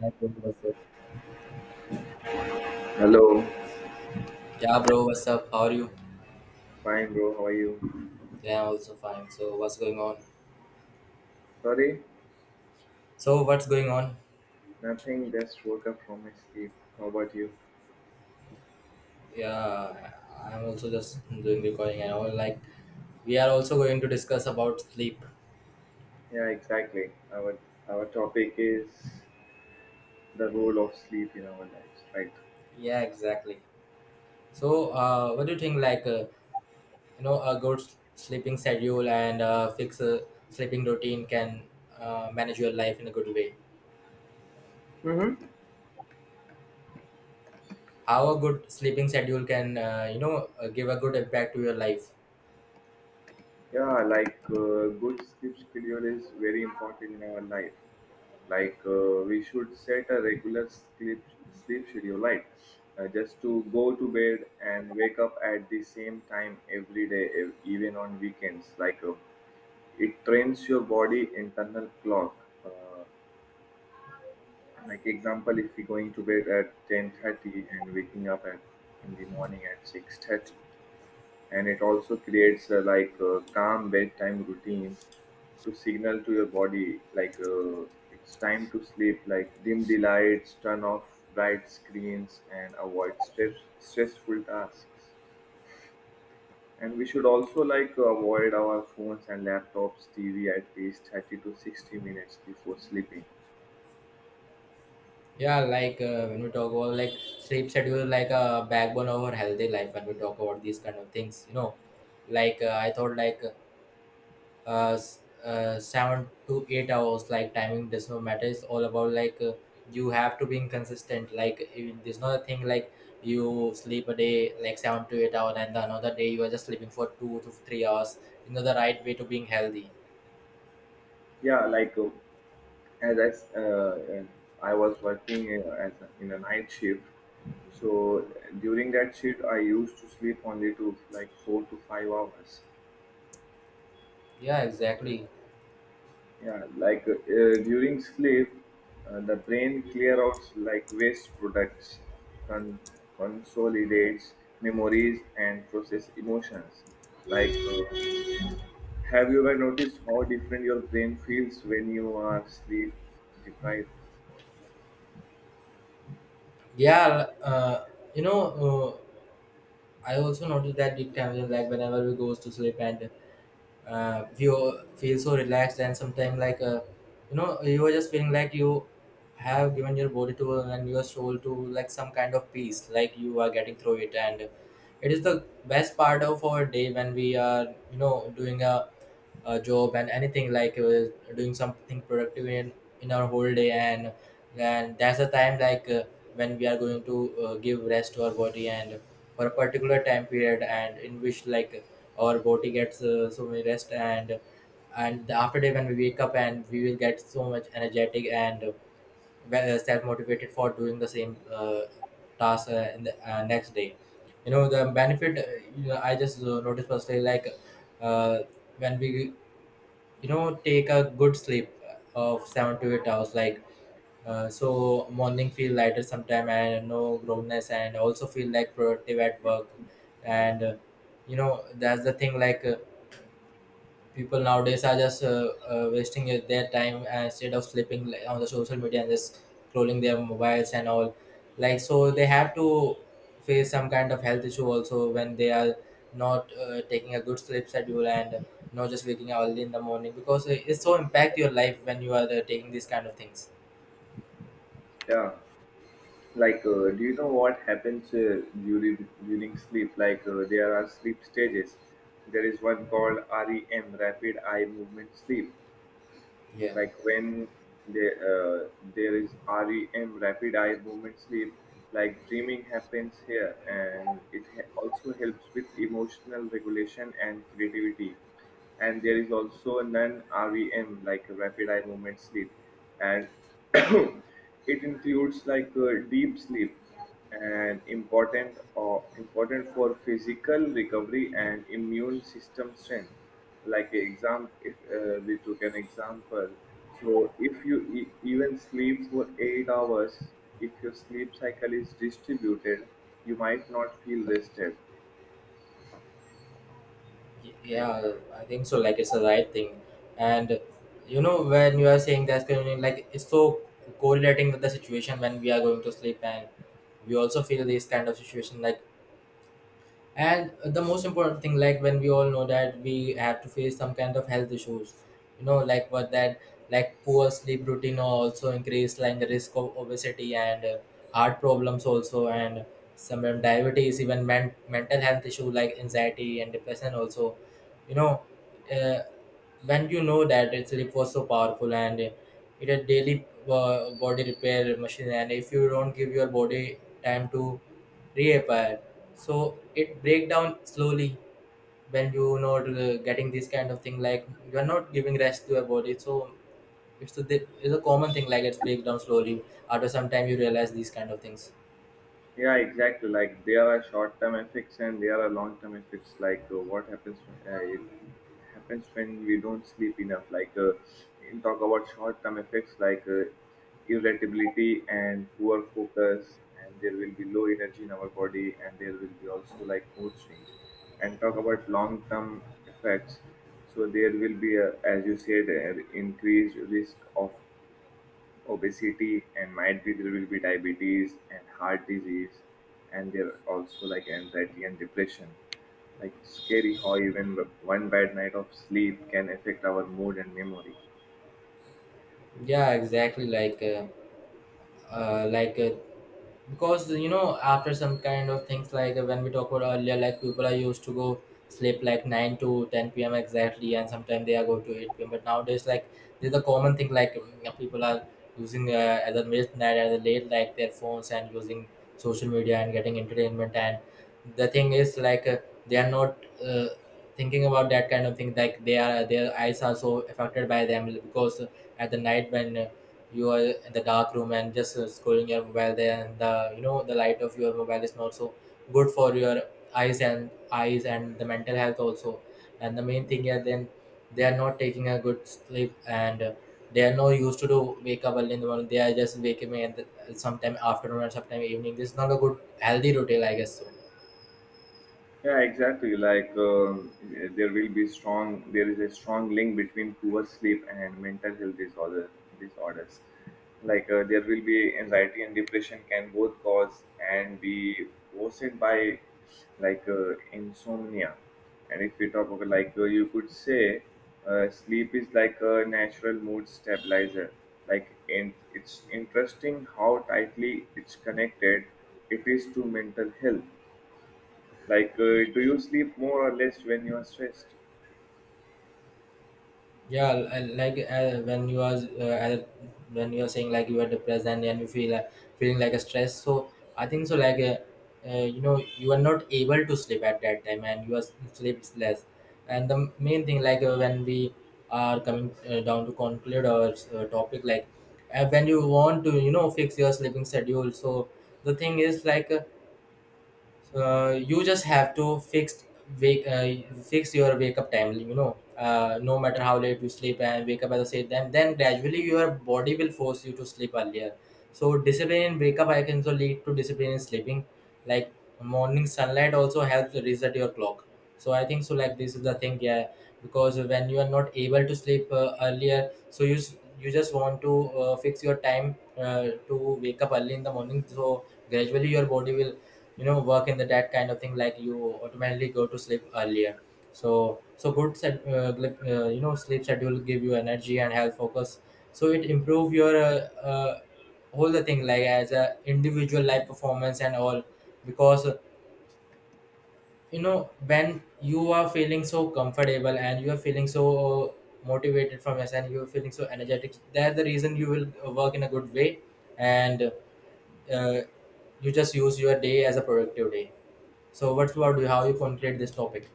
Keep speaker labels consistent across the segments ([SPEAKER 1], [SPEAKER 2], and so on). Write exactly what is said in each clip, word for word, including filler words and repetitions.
[SPEAKER 1] Hi, bro. What's up?
[SPEAKER 2] Hello.
[SPEAKER 1] Yeah, bro, what's up? How are you?
[SPEAKER 2] Fine, bro. How are you?
[SPEAKER 1] Yeah, I'm also fine. So, what's going on?
[SPEAKER 2] Sorry,
[SPEAKER 1] So, what's going on?
[SPEAKER 2] nothing. Just woke up from my sleep. How about you?
[SPEAKER 1] Yeah, I'm also just doing recording and all. Like, we are also going to discuss about sleep.
[SPEAKER 2] Yeah, exactly. Our our topic is the role of sleep in our lives, right?
[SPEAKER 1] Yeah, exactly. So, uh, what do you think? Like, uh, you know, a good s- sleeping schedule and uh, fix a sleeping routine can uh, manage your life in a good way.
[SPEAKER 2] Mm-hmm.
[SPEAKER 1] How a good sleeping schedule can uh, you know, uh, give a good impact to your life.
[SPEAKER 2] Yeah, like uh, good sleep schedule is very important in our life. Like uh, we should set a regular sleep sleep schedule, like uh, just to go to bed and wake up at the same time every day, ev- even on weekends. Like uh, It trains your body internal clock. Uh, like example, if you're going to bed at ten thirty and waking up at in the morning at six thirty, and it also creates a, like a calm bedtime routine to signal to your body like uh, it's time to sleep, like dim the lights, turn off bright screens and avoid stress- stressful tasks. And we should also like avoid our phones and laptops, T V at least thirty to sixty minutes before sleeping.
[SPEAKER 1] Yeah, like uh, when we talk about like sleep schedule, like a uh, backbone of our healthy life. When we talk about these kind of things, you know, like uh, I thought like uh, s- uh seven to eight hours, like timing does not matter. It's all about like uh, you have to be consistent. Like if- there's not a thing like you sleep a day like seven to eight hours, and the another day you are just sleeping for two to three hours. You know the right way to being healthy.
[SPEAKER 2] Yeah, like uh, as I, s- uh, uh, I was working uh, as a, in a night shift, so during that shift I used to sleep only to like four to five hours.
[SPEAKER 1] Yeah, exactly.
[SPEAKER 2] Yeah, like uh, uh, during sleep, uh, the brain clear out like waste products, con- consolidates memories and process emotions, like uh, have you ever noticed how different your brain feels when you are sleep deprived?
[SPEAKER 1] Yeah, uh, you know. Uh, I also noticed that it can, like whenever we goes to sleep and uh, you feel so relaxed, and sometimes like uh, you know you are just feeling like you have given your body to and your soul to like some kind of peace, like you are getting through it. And it is the best part of our day, when we are you know doing a, a job and anything like uh, doing something productive in in our whole day. And and that's the time like uh, when we are going to uh, give rest to our body and for a particular time period, and in which like our body gets uh, so many rest. And and the after day when we wake up, and we will get so much energetic and well, uh, self-motivated for doing the same uh, task uh, in the uh, next day. You know the benefit, uh, you know, i just uh, noticed personally, like uh, when we you know take a good sleep uh, of seven to eight hours, like uh, so morning feel lighter sometime and no groanness and also feel like productive at work. And uh, you know that's the thing, like uh, people nowadays are just uh, uh, wasting it- their time uh, instead of sleeping, like on the social media and just scrolling their mobiles and all. Like, so they have to face some kind of health issue also, when they are not uh, taking a good sleep schedule and not just waking up early in the morning, because it- it's so impact your life when you are uh, taking these kind of things.
[SPEAKER 2] Yeah, like uh, do you know what happens uh, during during sleep? Like uh, there are sleep stages. There is one called REM, rapid eye movement sleep,
[SPEAKER 1] Yeah.
[SPEAKER 2] like when there uh, there is REM rapid eye movement sleep, like dreaming happens here and it ha- also helps with emotional regulation and creativity. And there is also a non-REM like rapid eye movement sleep and it includes like uh, deep sleep and important or important for physical recovery and immune system strength. Like a exam if uh, We took an example, so if you e- even sleep for eight hours, if your sleep cycle is distributed you might not feel rested, right?
[SPEAKER 1] Yeah, I think so. Like, it's the right thing, and you know when you are saying that's going to, like, it's so correlating with the situation when we are going to sleep, and we also feel this kind of situation, like. And the most important thing, like when we all know that we have to face some kind of health issues, you know, like what that, like, poor sleep routine also increase like the risk of obesity and uh, heart problems also and some diabetes, even men- mental health issue like anxiety and depression also. you know uh, when you know that, its it was so powerful, and it a daily uh, body repair machine. And if you don't give your body time to repair, so it break down slowly. When you not uh, getting this kind of thing, like you are not giving rest to your body, so it's a, it's a common thing, like it's break down slowly. After some time you realize these kind of things.
[SPEAKER 2] Yeah, exactly. Like there are short-term effects and there are long-term effects. Like uh, what happens uh, if happens when we don't sleep enough. Like uh, in talk about short-term effects, like uh, irritability and poor focus, and there will be low energy in our body, and there will be also like mood swings. And talk about long-term effects. So there will be, a, as you said, an increased risk of obesity, and might be there will be diabetes and heart disease, and there are also like anxiety and depression. Like scary how even one bad night of sleep can affect our mood and memory.
[SPEAKER 1] Yeah, exactly. Like uh, uh, like uh, because you know after some kind of things, like uh, when we talked about earlier, like people are used to go sleep like nine to ten p m exactly, and sometimes they are go to eight p m. But nowadays like there's a common thing, like um, you know, people are using, uh, as a midnight as a late, like their phones and using social media and getting entertainment. And the thing is, like uh, they are not uh, thinking about that kind of thing, like they are, their eyes are so affected by them. Because at the night, when uh, you are in the dark room and just uh, scrolling your mobile there, and the, you know the light of your mobile is not so good for your eyes and eyes and the mental health also. And the main thing is then they are not taking a good sleep and uh, they are no used to do wake up early in the morning. They are just waking me and uh, sometime afternoon and sometime evening. This is not a good healthy routine, I guess so.
[SPEAKER 2] Yeah, exactly. Like um, there will be strong, there is a strong link between poor sleep and mental health disorder, disorders. Like uh, there will be anxiety and depression can both cause and be caused by like uh, insomnia. And if we talk about like uh, you could say uh, sleep is like a natural mood stabilizer. Like in, it's interesting how tightly it's connected it is to mental health. Like, uh, do you sleep more or less when you are stressed?
[SPEAKER 1] Yeah, l- and like uh, when you are uh, at- when you are saying like you are depressed and, and you feel uh, feeling like a stress, so I think so, like uh, uh, you know you are not able to sleep at that time and you are s- sleeps less. And the main thing, like uh, when we are coming uh, down to conclude our uh, topic, like uh, when you want to you know fix your sleeping schedule, so the thing is, like uh, uh, you just have to fix wake uh, fix your wake up time. You know uh, no matter how late you sleep, and wake up at the same time, then gradually your body will force you to sleep earlier. So discipline in wake up I can also lead to discipline in sleeping. Like morning sunlight also helps reset your clock. So I think so, like this is the thing. Yeah, because when you are not able to sleep uh, earlier, so you s- you just want to uh, fix your time uh, to wake up early in the morning. So gradually your body will, you know work in the that kind of thing, like you automatically go to sleep earlier. So so good set, uh, like, uh, you know sleep schedule give you energy and health focus. So it improve your uh, uh, whole the thing, like as a individual life performance and all. Because uh, you know when you are feeling so comfortable, and you are feeling so motivated from us, and you're feeling so energetic, that's the reason you will uh, work in a good way. And uh, you just use your day as a productive day. So what's about you? How you conclude this topic?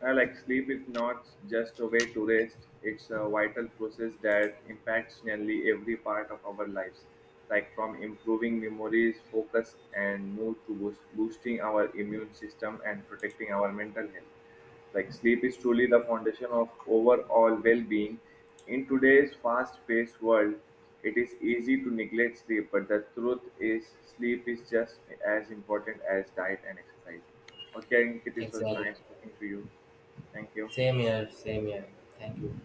[SPEAKER 2] Uh, like, sleep is not just a way to rest, it's a vital process that impacts nearly every part of our lives, like from improving memories, focus, and mood to boost, boosting our immune system and protecting our mental health. Like, sleep is truly the foundation of overall well being. In today's fast paced world, it is easy to neglect sleep, but the truth is, sleep is just as important as diet and exercise. Okay, Ankit, it was
[SPEAKER 1] Exactly.
[SPEAKER 2] nice talking to you. Thank you.
[SPEAKER 1] Same here, same here. Thank you.